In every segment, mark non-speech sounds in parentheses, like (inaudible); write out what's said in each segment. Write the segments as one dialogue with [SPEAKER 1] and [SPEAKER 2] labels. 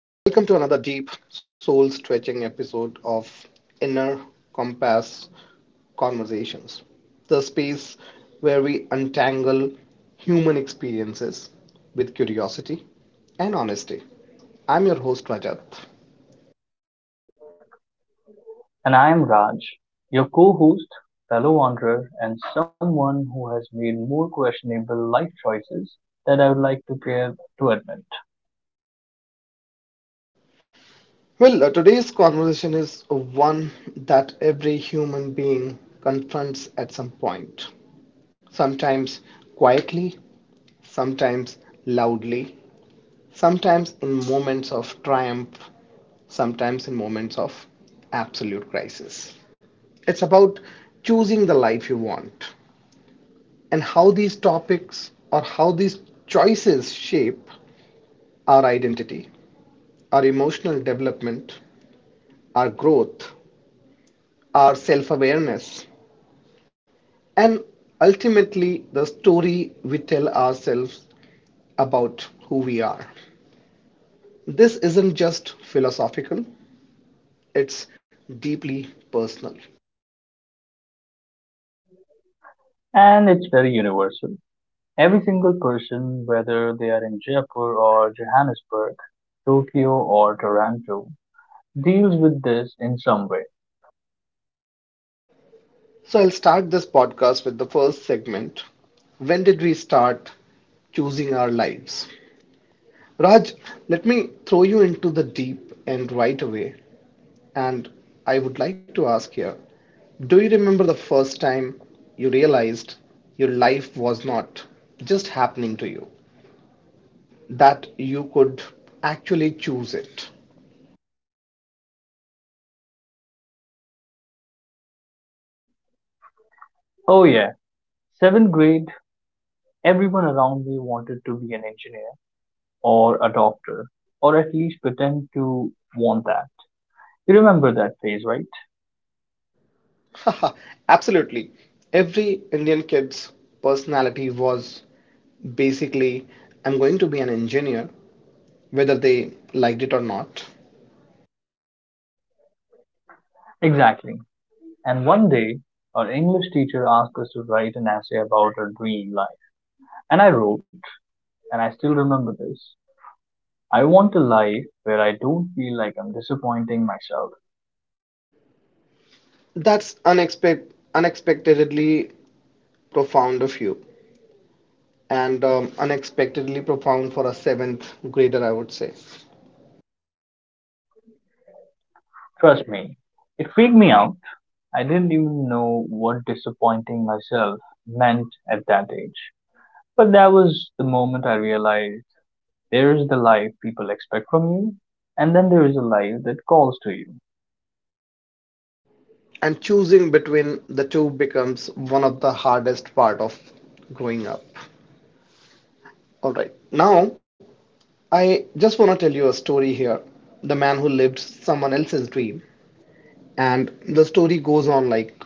[SPEAKER 1] Welcome to another deep, soul stretching episode of Inner Compass Conversations, the space where we untangle human experiences with curiosity and honesty. I'm your host, Rajat.
[SPEAKER 2] And I am Raj, your co host, fellow wanderer, and someone who has made more questionable life choices that I would like to care to admit.
[SPEAKER 1] Today's conversation is one that every human being confronts at some point, sometimes quietly, sometimes loudly, sometimes in moments of triumph, sometimes in moments of absolute crisis. It's about choosing the life you want and how these choices shape our identity, our emotional development, our growth, our self awareness, and ultimately the story we tell ourselves about who we are. This isn't just philosophical, it's deeply personal.
[SPEAKER 2] And it's very universal. Every single person, whether they are in Jaipur or Johannesburg, Tokyo or Toronto, deals with this in some way.
[SPEAKER 1] So I'll start this podcast with the first segment. When did we start choosing our lives? Raj, let me throw you into the deep end right away. And I would like to ask here, do you remember the first time you realized your life was not just happening to you, that you could actually choose it?
[SPEAKER 2] Oh yeah, seventh grade, everyone around me wanted to be an engineer or a doctor, or at least pretend to want that. You remember that phase, right?
[SPEAKER 1] (laughs) Absolutely. Every Indian kid's personality was basically, I'm going to be an engineer, whether they liked it or not.
[SPEAKER 2] Exactly. And one day, our English teacher asked us to write an essay about our dream life. And I wrote, and I still remember this. I want a life where I don't feel like I'm disappointing myself.
[SPEAKER 1] That's unexpectedly profound of you, and unexpectedly profound for a seventh grader, I would say.
[SPEAKER 2] Trust me, it freaked me out. I didn't even know what disappointing myself meant at that age. But that was the moment I realized there is the life people expect from you, and then there is a life that calls to you.
[SPEAKER 1] And choosing between the two becomes one of the hardest part of growing up. All right. Now I just want to tell you a story here. The man who lived someone else's dream. And the story goes on like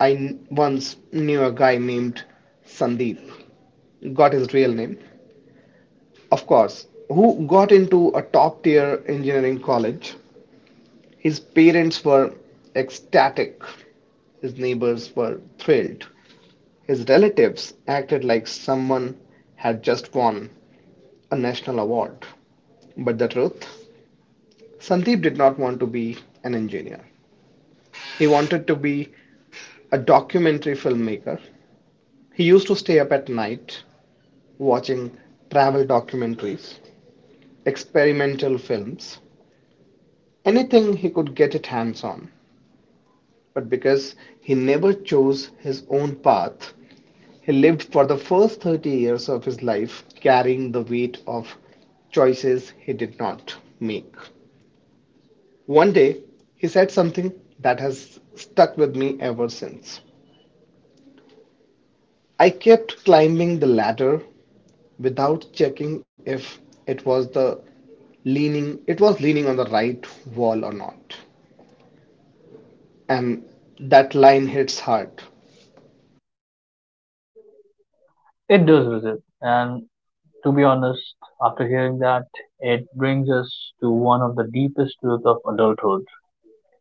[SPEAKER 1] I once knew a guy named Sandeep, got his real name, of course, who got into a top tier engineering college. His parents were ecstatic, his neighbors were thrilled. His relatives acted like someone had just won a national award. But the truth, Sandeep did not want to be an engineer. He wanted to be a documentary filmmaker. He used to stay up at night watching travel documentaries, experimental films, anything he could get his hands on. But because he never chose his own path, he lived for the first 30 years of his life carrying the weight of choices he did not make. One day, he said something that has stuck with me ever since. I kept climbing the ladder without checking if it was the leaning it was leaning on the right wall or not. And that line hits hard.
[SPEAKER 2] It does visit, and to be honest, after hearing that, it brings us to one of the deepest truths of adulthood.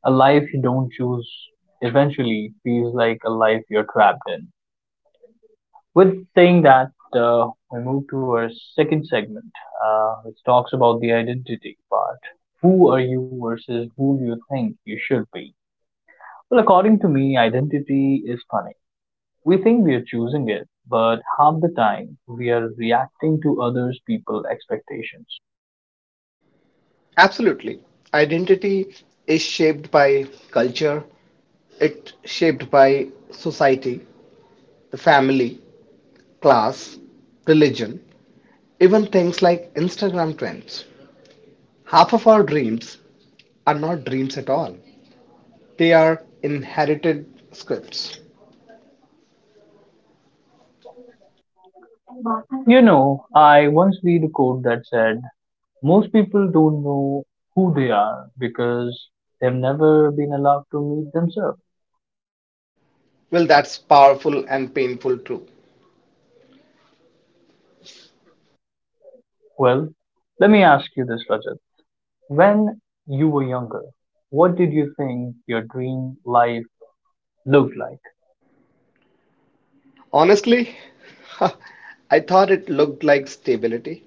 [SPEAKER 2] A life you don't choose eventually feels like a life you're trapped in. With saying that, we move to our second segment, which talks about the identity part. Who are you versus who you think you should be? Well, according to me, identity is funny. We think we are choosing it, but half the time we are reacting to others' people expectations.
[SPEAKER 1] Absolutely. Identity is shaped by culture, it's shaped by society, the family, class, religion, even things like Instagram trends. Half of our dreams are not dreams at all. They are inherited scripts.
[SPEAKER 2] You know, I once read a quote that said, most people don't know who they are because they've never been allowed to meet themselves.
[SPEAKER 1] Well, that's powerful and painful too.
[SPEAKER 2] Well, let me ask you this, Rajat. When you were younger, what did you think your dream life looked like?
[SPEAKER 1] Honestly, (laughs) I thought it looked like stability,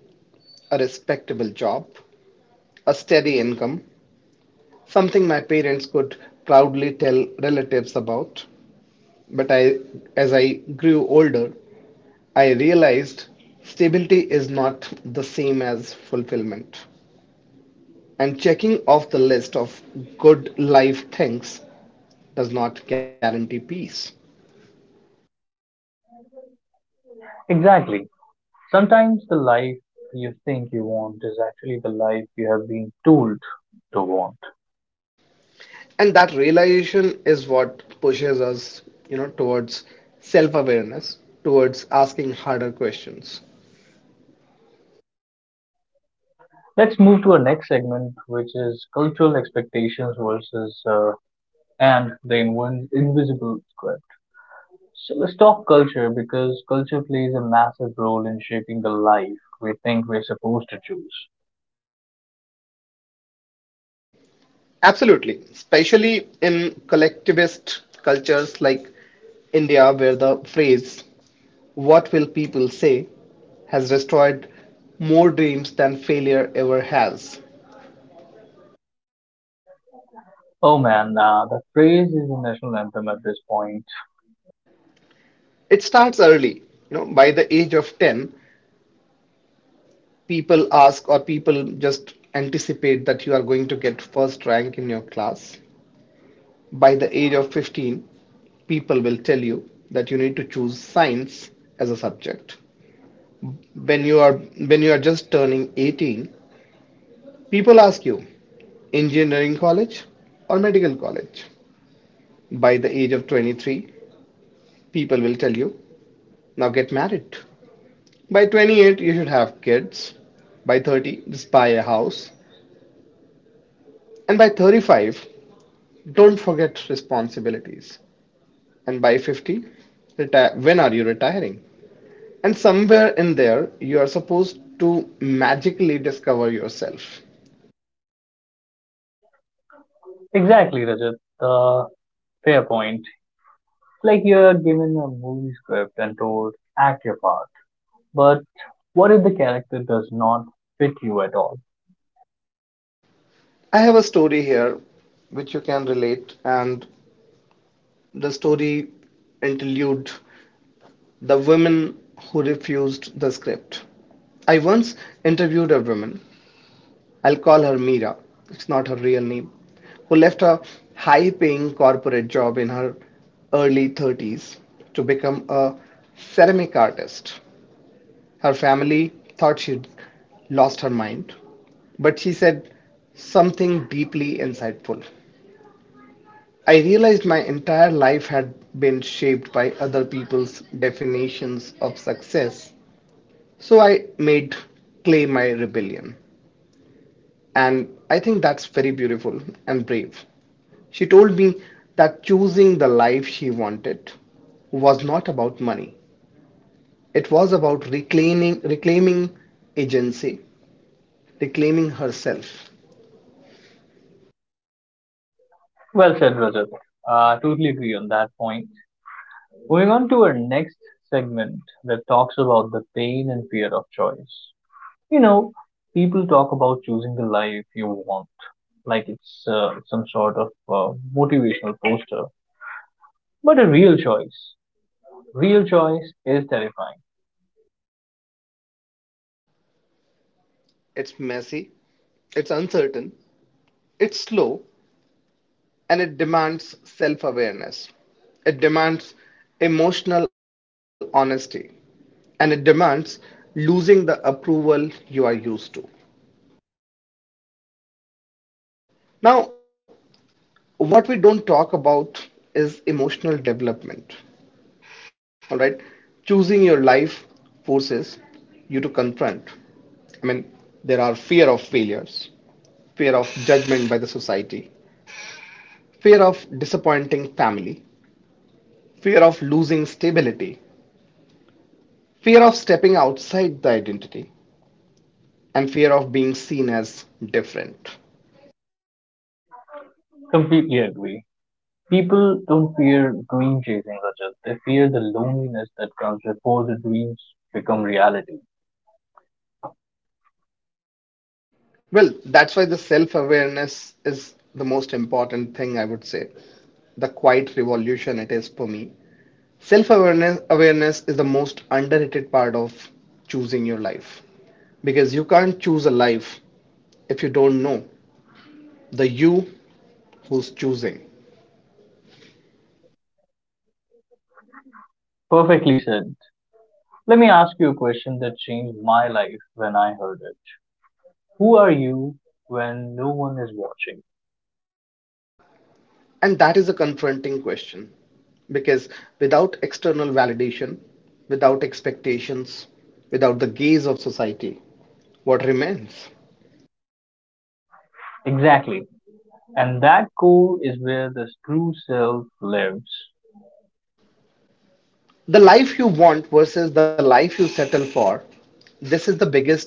[SPEAKER 1] a respectable job, a steady income, something my parents could proudly tell relatives about. But I, as I grew older, I realized stability is not the same as fulfillment. And checking off the list of good life things does not guarantee peace.
[SPEAKER 2] Exactly. Sometimes the life you think you want is actually the life you have been told to want.
[SPEAKER 1] And that realization is what pushes us, you know, towards self-awareness, towards asking harder questions.
[SPEAKER 2] Let's move to our next segment, which is cultural expectations versus and the invisible script. So let's talk culture because culture plays a massive role in shaping the life we think we're supposed to choose.
[SPEAKER 1] Absolutely, especially in collectivist cultures like India, where the phrase "what will people say" has destroyed more dreams than failure ever has.
[SPEAKER 2] Oh man, the phrase is the national anthem at this point.
[SPEAKER 1] It starts early. You know, by the age of 10, people ask or people just anticipate that you are going to get first rank in your class. By the age of 15, people will tell you that you need to choose science as a subject. When you are just turning 18, people ask you engineering college or medical college. By the age of 23, people will tell you now get married. By 28, you should have kids. By 30, just buy a house. And by 35, don't forget responsibilities. And by 50, retire. When are you retiring? And somewhere in there, you are supposed to magically discover yourself.
[SPEAKER 2] Exactly, Rajat. The fair point. It's like you're given a movie script and told, act your part. But what if the character does not fit you at all?
[SPEAKER 1] I have a story here which you can relate, and the story interlude, the women who refused the script. I once interviewed a woman, I'll call her Mira, it's not her real name, who left a high paying corporate job in her early 30s to become a ceramic artist. Her family thought she'd lost her mind, but she said something deeply insightful. I realized my entire life had been shaped by other people's definitions of success, so I made clay my rebellion. And I think that's very beautiful and brave. She told me that choosing the life she wanted was not about money. It was about reclaiming agency, reclaiming herself.
[SPEAKER 2] Well said, Rajat. Totally agree on that point. Moving on to our next segment that talks about the pain and fear of choice. You know, people talk about choosing the life you want, like it's some sort of motivational poster. But a real choice is terrifying.
[SPEAKER 1] It's messy, it's uncertain, it's slow, and it demands self awareness. It demands emotional honesty, and it demands losing the approval you are used to. Now, what we don't talk about is emotional development. All right, choosing your life forces you to confront. I mean, there are fear of failures, fear of judgment by the society, fear disappointing family, fear of losing stability, fear of stepping outside the identity, and fear of being seen as different.
[SPEAKER 2] Completely agree. People don't fear dream chasing, Rajat. They fear the loneliness that comes before the dreams become reality.
[SPEAKER 1] Well, that's why the self awareness is the most important thing, I would say. The quiet revolution it is for me. Self awareness is the most underrated part of choosing your life because you can't choose a life if you don't know the you who's choosing.
[SPEAKER 2] Perfectly said. Let me ask you a question that changed my life when I heard it. Who are you when no one is watching?
[SPEAKER 1] And that is a confronting question. Because without external validation, without expectations, without the gaze of society, what remains?
[SPEAKER 2] Exactly. And that core is where the true self lives.
[SPEAKER 1] The life you want versus the life you settle for, this is the biggest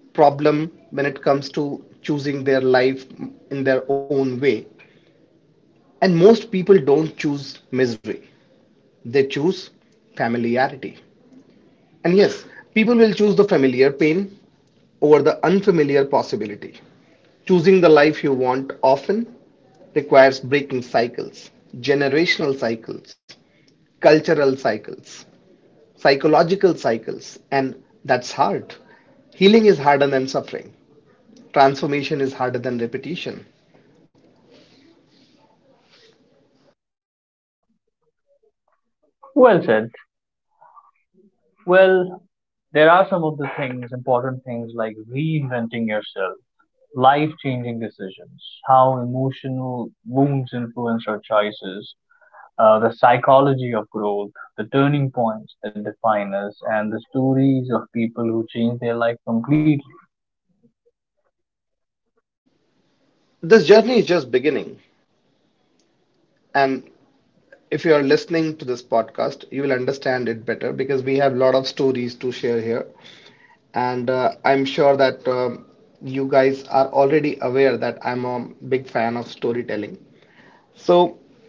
[SPEAKER 1] problem when it comes to choosing their life in their own way. And most people don't choose misery, they choose familiarity. And yes, people will choose the familiar pain over the unfamiliar possibility. Choosing the life you want often requires breaking cycles, generational cycles, cultural cycles, psychological cycles, and that's hard. Healing is harder than suffering. Transformation is harder than repetition.
[SPEAKER 2] Well said. Well, there are some of the things, important things like reinventing yourself, life changing decisions, how emotional wounds influence our choices, the psychology of growth, the turning points that define us, and the stories of people who change their life completely.
[SPEAKER 1] This journey is just beginning. And if you are listening to this podcast, you will understand it better because we have a lot of stories to share here. And I'm sure that you guys are already aware that I'm a big fan of storytelling. So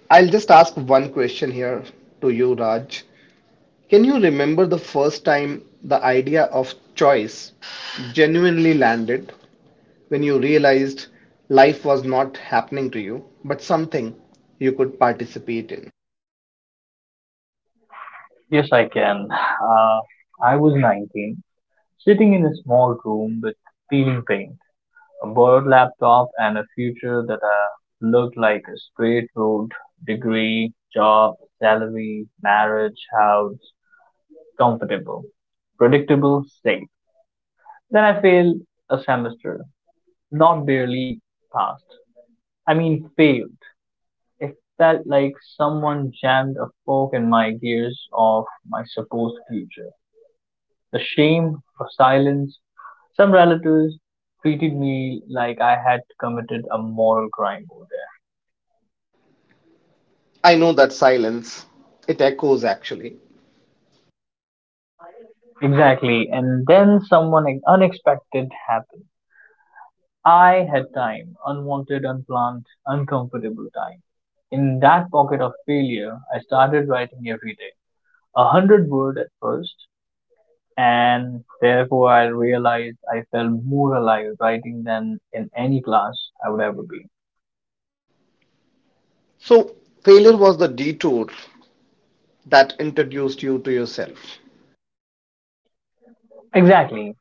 [SPEAKER 1] I'll just ask one question here to you, Raj. Can you remember the first time the idea of choice genuinely landed, when you realized life was not happening to you, but something you could participate in?
[SPEAKER 2] Yes, I can. I was 19, sitting in a small room with peeling paint, a borrowed laptop, and a future that looked like a straight road, degree, job, salary, marriage, house, comfortable, predictable, safe. Then I failed a semester, not barely passed. I mean, failed. It felt like someone jammed a fork in my gears of my supposed future. The shame, the silence. Some relatives treated me like I had committed a moral crime over
[SPEAKER 1] I know that silence, it echoes actually.
[SPEAKER 2] there. Exactly. And then someone unexpected happened. I had time, unwanted, unplanned, uncomfortable time. In that pocket of failure, I started writing every day. 100 word at first, and therefore I realized I felt more alive writing than in any class I would ever be.
[SPEAKER 1] So failure was the detour that introduced you to yourself.
[SPEAKER 2] Exactly.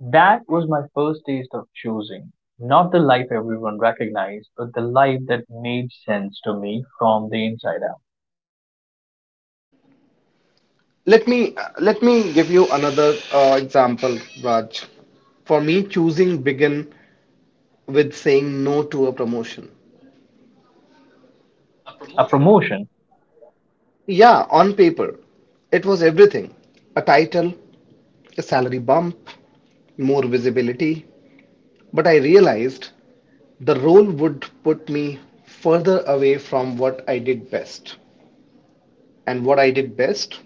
[SPEAKER 2] That was my first taste of choosing. Not the life everyone recognized, but the life that made sense to me from the inside out.
[SPEAKER 1] Let me let me give you another example, Raj. For me, choosing began with saying no to a promotion.
[SPEAKER 2] A promotion,
[SPEAKER 1] Yeah, on paper, it was everything, a title, a salary bump, more visibility. But I realized the role would put me further away from what I did best. And what I did best,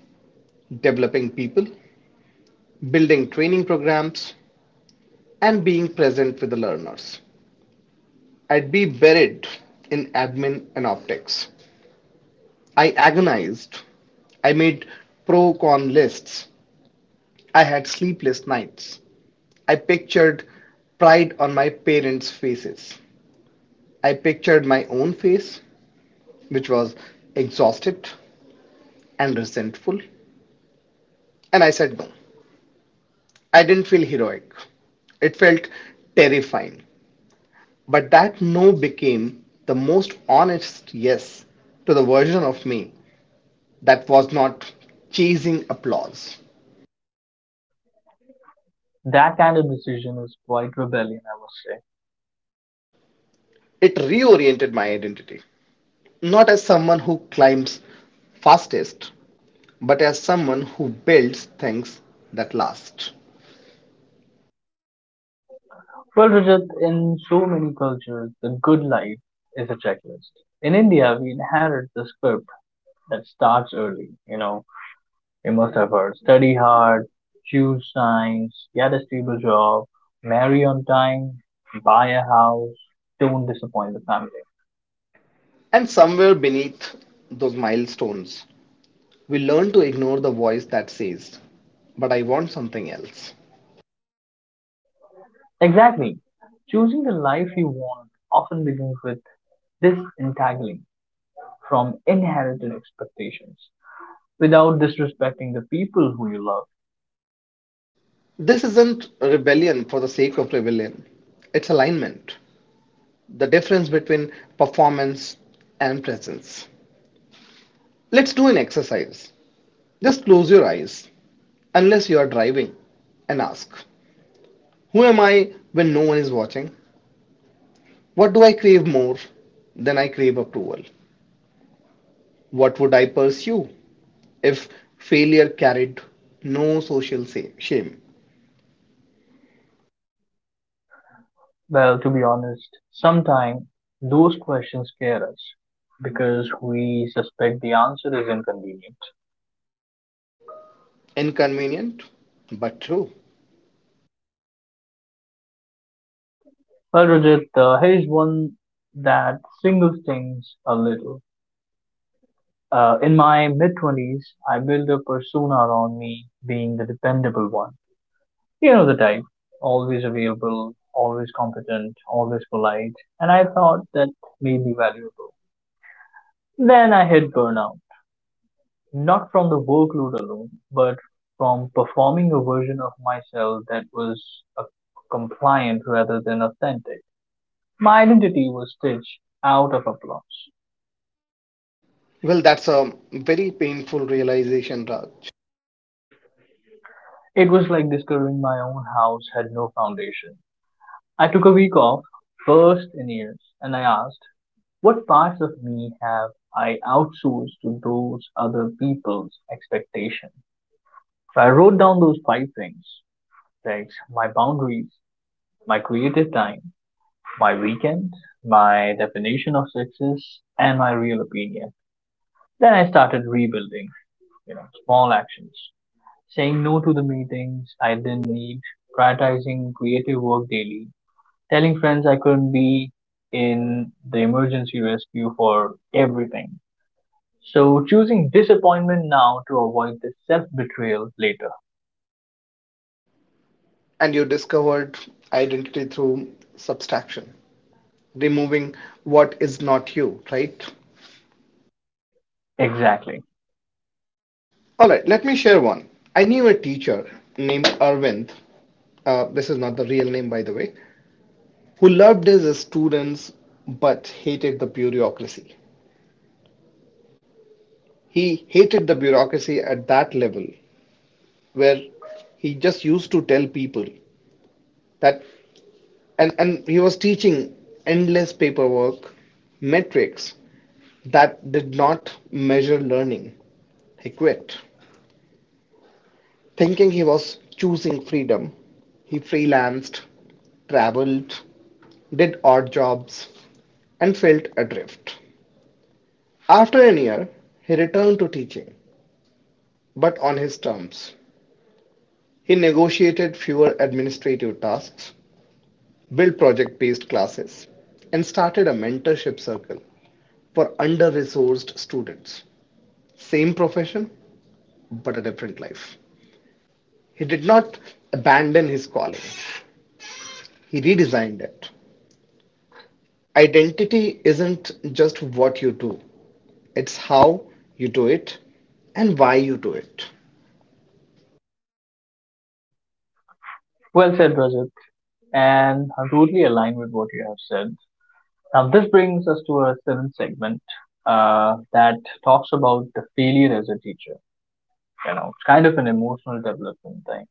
[SPEAKER 1] developing people, building training programs, and being present with the learners. I'd be buried in admin and optics. I agonized. I made pro con lists. I had sleepless nights. I pictured pride on my parents' faces. I pictured my own face, which was exhausted and resentful. And I said no. I didn't feel heroic. It felt terrifying. But that no became the most honest yes to the version of me that was not chasing applause.
[SPEAKER 2] that kind of decision is quite rebellion, I must say.
[SPEAKER 1] It reoriented my identity, not as someone who climbs fastest, but as someone who builds things that last.
[SPEAKER 2] Well, Rajat, in so many cultures, the good life is a checklist. In India, we inherit the script that starts early, you know, you must have heard study hard, choose science, get a stable job, marry on time, buy a house, don't disappoint the family.
[SPEAKER 1] And somewhere beneath those milestones, we learn to ignore the voice that says, but I want something else.
[SPEAKER 2] Exactly. Choosing the life you want often begins with disentangling from inherited expectations without disrespecting the people who you love.
[SPEAKER 1] This isn't rebellion for the sake of rebellion, it's alignment, the difference between performance and presence. Let's do an exercise. Just close your eyes, unless you are driving, and ask, who am I when no one is watching? What do I crave more than I crave approval? What would I pursue if failure carried no social shame?
[SPEAKER 2] Well, to be honest, sometimes those questions scare us because we suspect the answer is inconvenient.
[SPEAKER 1] Inconvenient, but true.
[SPEAKER 2] Well, Rajat, here's one that singles things a little. In my mid 20s, I built a persona around me being the dependable one. You know the type. Always available, always competent, always polite. And I thought that may be valuable. Then I hit burnout. Not from the workload alone, but from performing a version of myself that was uh, compliant rather than authentic. My identity was stitched out of applause.
[SPEAKER 1] Well, that's a very painful realization, Raj.
[SPEAKER 2] It was like discovering my own house had no foundation. I took a week off, first in years, and I asked, what parts of me have I outsourced to those other people's expectations? So I wrote down those five things like my boundaries, my creative time, my weekend, my definition of success, and my real opinion. Then I started rebuilding, you know, small actions, saying no to the meetings I didn't need, prioritizing creative work daily, telling friends I could be in the emergency rescue for everything. So choosing disappointment now to avoid the self betrayal later.
[SPEAKER 1] And you discovered identity through subtraction, removing what is not you, right?
[SPEAKER 2] Exactly.
[SPEAKER 1] All right, let me share one. I knew a teacher named Arvind. This is not the real name, by the way, who loved his students but hated the bureaucracy. He hated the bureaucracy at that level where he just used to tell people that and he was teaching endless paperwork metrics that did not measure learning. He quit. Thinking he was choosing freedom, he freelanced, traveled, did odd jobs, and felt adrift. After a year, he returned to teaching, but on his terms. He negotiated fewer administrative tasks, built project based classes, and started a mentorship circle for under resourced students. Same profession, but a different life. He did not abandon his calling, he redesigned it. Identity isn't just what you do, it's how you do it and why you do it.
[SPEAKER 2] Well said, Rajat. And I totally aligned with what you have said. Now, this brings us to our seventh segment that talks about the failure as a teacher. You know, it's kind of an emotional development thing.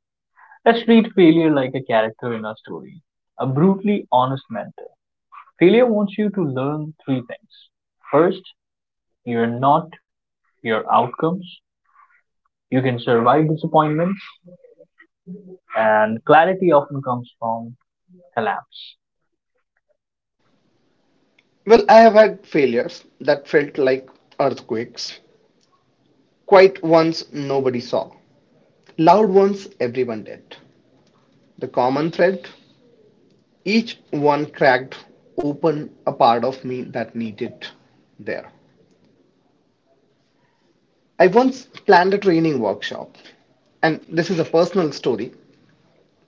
[SPEAKER 2] Let's treat failure like a character in a story, a brutally honest mentor. Failure wants you to learn three things. First, you're not your outcomes. You can survive disappointments, and clarity often comes from collapse.
[SPEAKER 1] Well, I have had failures that felt like earthquakes. Quiet ones nobody saw, loud ones everyone did. The common thread, each one cracked open a part of me that needed there. I once planned a training workshop, and this is a personal story,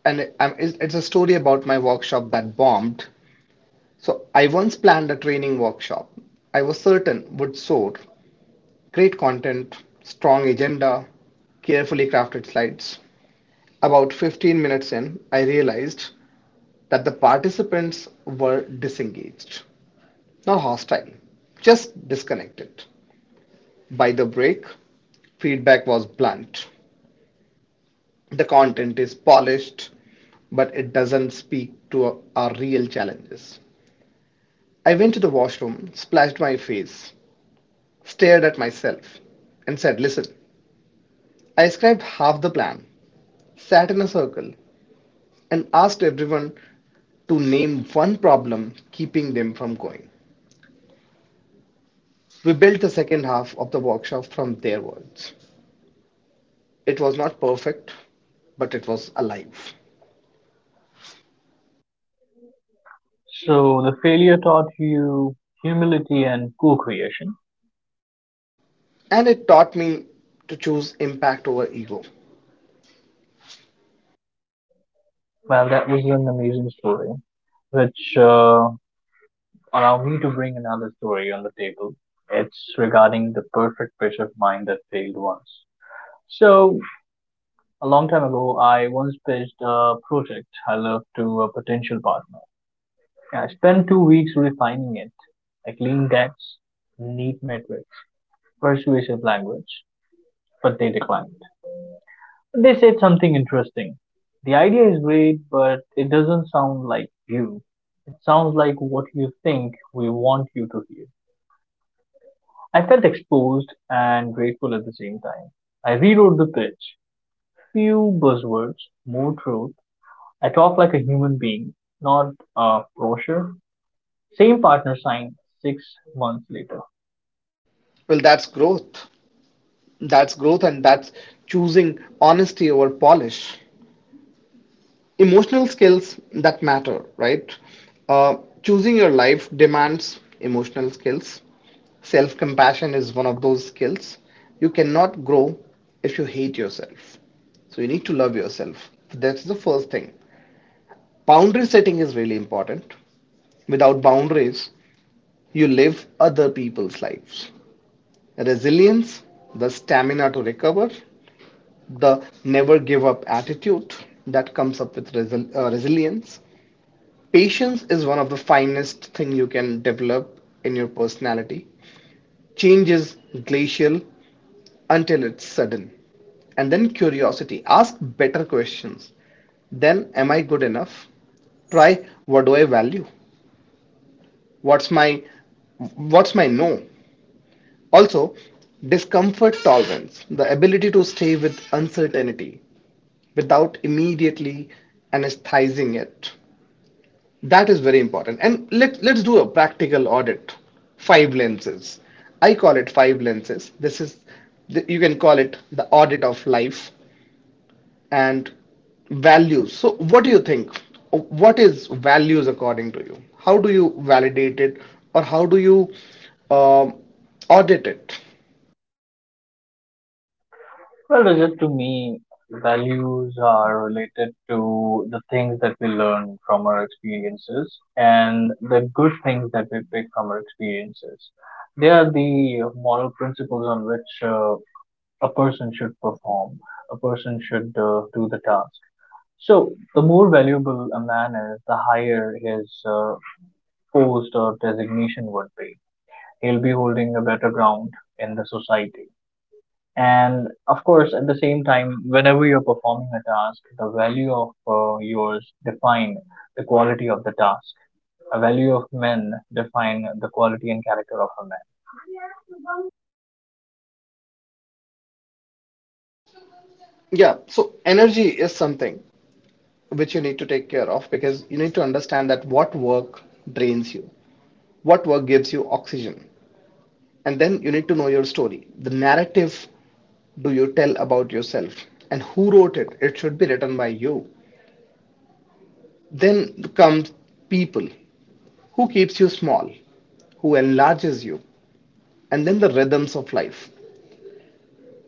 [SPEAKER 1] and It's a story about my workshop that bombed. So, I once planned a training workshop I was certain would soar. Great content, strong agenda, carefully crafted slides. About 15 minutes in, I realized that the participants were disengaged. Not hostile, just disconnected. By the break, feedback was blunt. The content is polished, but it doesn't speak to our real challenges. I went to the washroom, splashed my face, stared at myself, and said, "Listen, I described half the plan, sat in a circle, and asked everyone to name one problem keeping them from going." We built the second half of the workshop from their words. It was not perfect, but it was alive.
[SPEAKER 2] So, the failure taught you humility and co creation.
[SPEAKER 1] And it taught me to choose impact over ego.
[SPEAKER 2] Well, that was an amazing story, which allowed me to bring another story on the table. It's regarding the perfect pitch of mine that failed once. So, a long time ago, I once pitched a project I loved to a potential partner. Yeah, I spent 2 weeks refining it, like lean decks, neat metrics, persuasive language, but they declined. They said something interesting. The idea is great, but it doesn't sound like you. It sounds like what you think we want you to hear. I felt exposed and grateful at the same time. I rewrote the pitch. Few buzzwords, more truth, I talk like a human being, not a brochure. Same partner signed 6 months later.
[SPEAKER 1] Well, that's growth. That's growth, and that's choosing honesty over polish. Emotional skills that matter, right? Uh, Choosing your life demands emotional skills. Self compassion is one of those skills. You cannot grow if you hate yourself. So you need to love yourself. That's the first thing. Boundary setting is really important. Without boundaries, you live other people's lives. Resilience, the stamina to recover, the never give up attitude that comes up with resilience. Patience is one of the finest thing you can develop in your personality. Change is glacial until it's sudden. And then curiosity. Ask better questions. Then am I good enough? Try, what do I value? What's my what's my no? Also, discomfort tolerance, the ability to stay with uncertainty without immediately anesthetizing it, that is very important. And let's do a practical audit. Five lenses. I call it five lenses. This is, the, you can call it the audit of life and values. So, what do you think? What is values according to you? How do you validate it or how do you um audit it?
[SPEAKER 2] Well, Rajat, to me, values are related to the things that we learn from our experiences and the good things that we pick from our experiences. They are the moral principles on which a person should perform, a person should do the task. So, the more valuable a man is, the higher his post or designation would be. He'll be holding a better ground in the society. And of course, at the same time, whenever you're performing a task, the value of yours define the quality of the task. A value of men define the quality and character of a man.
[SPEAKER 1] Yeah, so energy is something which you need to take care of because you need to understand that what work drains you, what work gives you oxygen, and then you need to know your story. The narrative do you tell about yourself and who wrote it? It should be written by you. Then comes people who keeps you small, who enlarges you, and then the rhythms of life.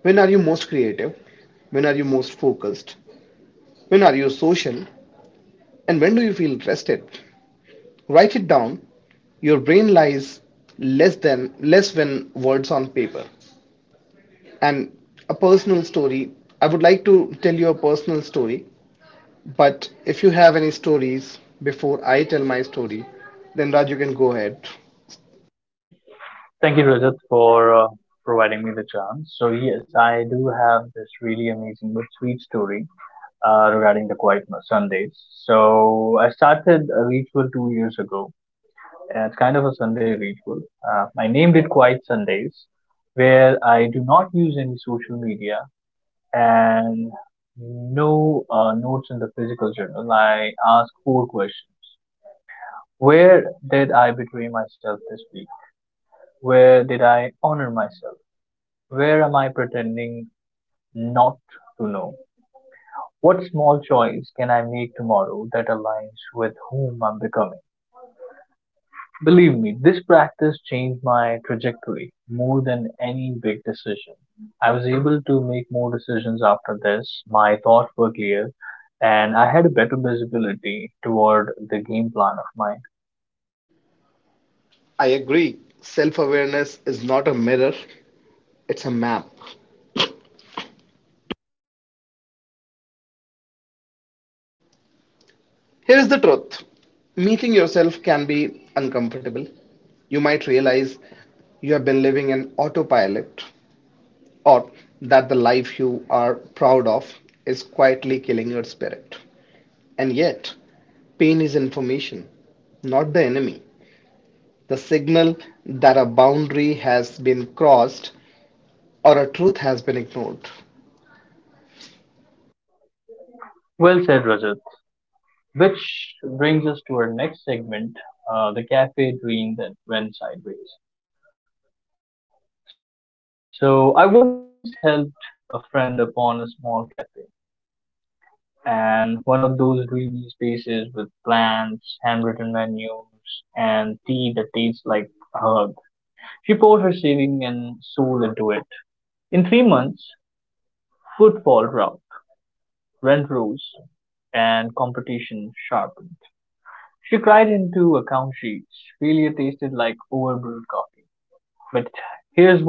[SPEAKER 1] When are you most creative? When are you most focused? When are you social? And when do you feel rested? Write it down. Your brain lies less than less when words on paper. And a personal story. I would like to tell you a personal story, but if you have any stories before I tell my story, then Raj, you can go ahead.
[SPEAKER 2] Thank you, Rajat, for providing me the chance. So yes, I do have this really amazing but sweet story regarding the Quiet Sundays. So I started a ritual 2 years ago. Yeah, it's kind of a Sunday ritual. I named it Quiet Sundays, where I do not use any social media and no notes in the physical journal. I ask four questions. Where did I betray myself this week? Where did I honor myself? Where am I pretending not to know? What small choice can I make tomorrow that aligns with whom I'm becoming? Believe me, this practice changed my trajectory more than any big decision. I was able to make more decisions after this, my thoughts were clear, and I had a better visibility toward the game plan of mine.
[SPEAKER 1] I agree. Self awareness is not a mirror, it's a map. Here is the truth, meeting yourself can be uncomfortable. You might realize you have been living in autopilot or that the life you are proud of is quietly killing your spirit. And yet, pain is information, not the enemy. The signal that a boundary has been crossed or a truth has been ignored.
[SPEAKER 2] Well said, Rajat. Which brings us to our next segment the cafe dream that went sideways. So, I once helped a friend upon a small cafe, and one of those dreamy spaces with plants, handwritten menus, and tea that tastes like a hug. She poured her saving and soul into it. In 3 months, footfall dropped, rent rose, and competition sharpened. She cried into account sheets. Failure tasted like overbrewed coffee. But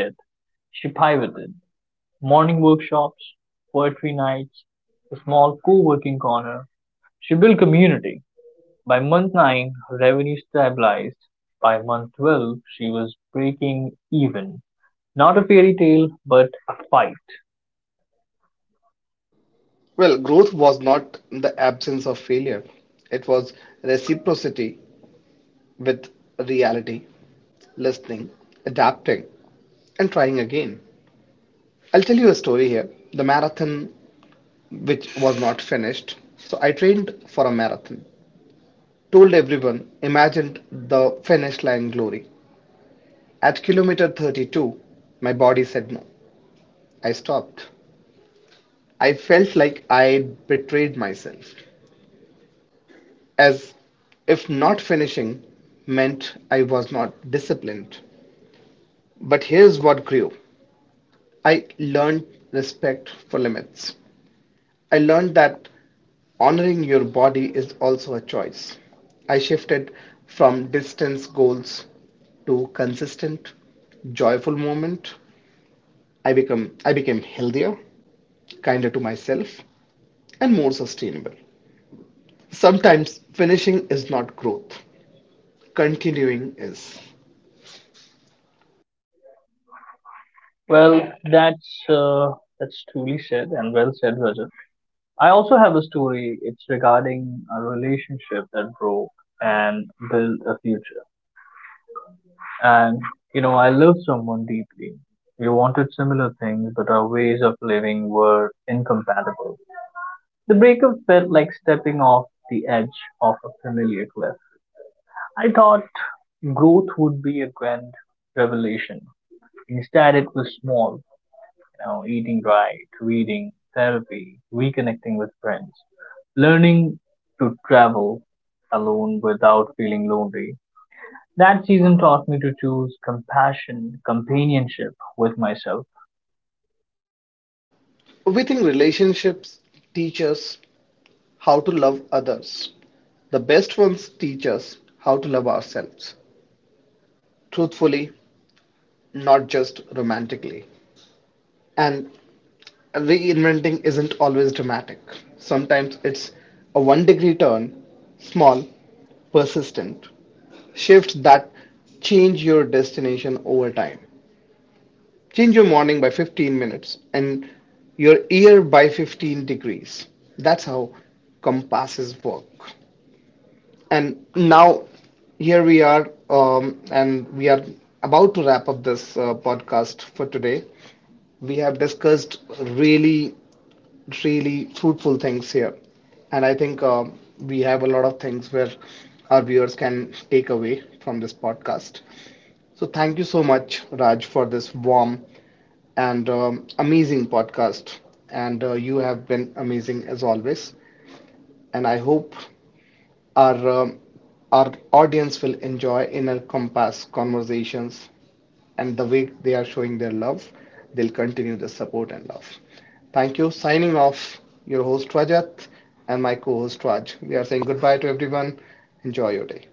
[SPEAKER 2] here's what she did. Morning workshops, poetry nights, a small co-working corner. She built community. By month 9, her revenue stabilized. By month 12, she was breaking even. Not a fairy tale, but a fight.
[SPEAKER 1] Well, growth was not the absence of failure, it was reciprocity with reality, listening, adapting, and trying again. I'll tell you a story here, the marathon which was not finished. So I trained for a marathon, told everyone, imagined the finish line glory. At kilometer 32, my body said no. I stopped. I felt like I betrayed myself, as if not finishing meant I was not disciplined. But here's what grew. I learned respect for limits. I learned that honoring your body is also a choice. I shifted from distance goals to consistent, joyful moment. I became healthier, kinder to myself, and more sustainable. Sometimes finishing is not growth. Continuing is.
[SPEAKER 2] Well, that's uh, that's truly said and well said, Rajat. I also have a story. It's regarding a relationship that broke and built a future. And you know, I loved someone deeply. We wanted similar things, but our ways of living were incompatible. The breakup felt like stepping off the edge of a familiar cliff. I thought growth would be a grand revelation. Instead, it was small, you know, eating right, reading, therapy, reconnecting with friends, learning to travel alone without feeling lonely. That season taught me to choose compassion, companionship with myself.
[SPEAKER 1] We think relationships teach us how to love others. The best ones teach us how to love ourselves truthfully, not just romantically. And reinventing isn't always dramatic. Sometimes it's a one degree turn, small, persistent, shifts that change your destination over time. Change your morning by 15 minutes and your year by 15 degrees. That's how compasses work. And now here we are, and we are about to wrap up this podcast for today. We have discussed really, really fruitful things here and I think we have a lot of things where our viewers can take away from this podcast. So thank you so much, Raj, for this warm and amazing podcast. And you have been amazing as always. And I hope our um, our audience will enjoy Inner Compass conversations and the way they are showing their love. They'll continue the support and love. Thank you. Signing off, your host Rajat and my co-host Raj. We are saying goodbye to everyone. Enjoy your day.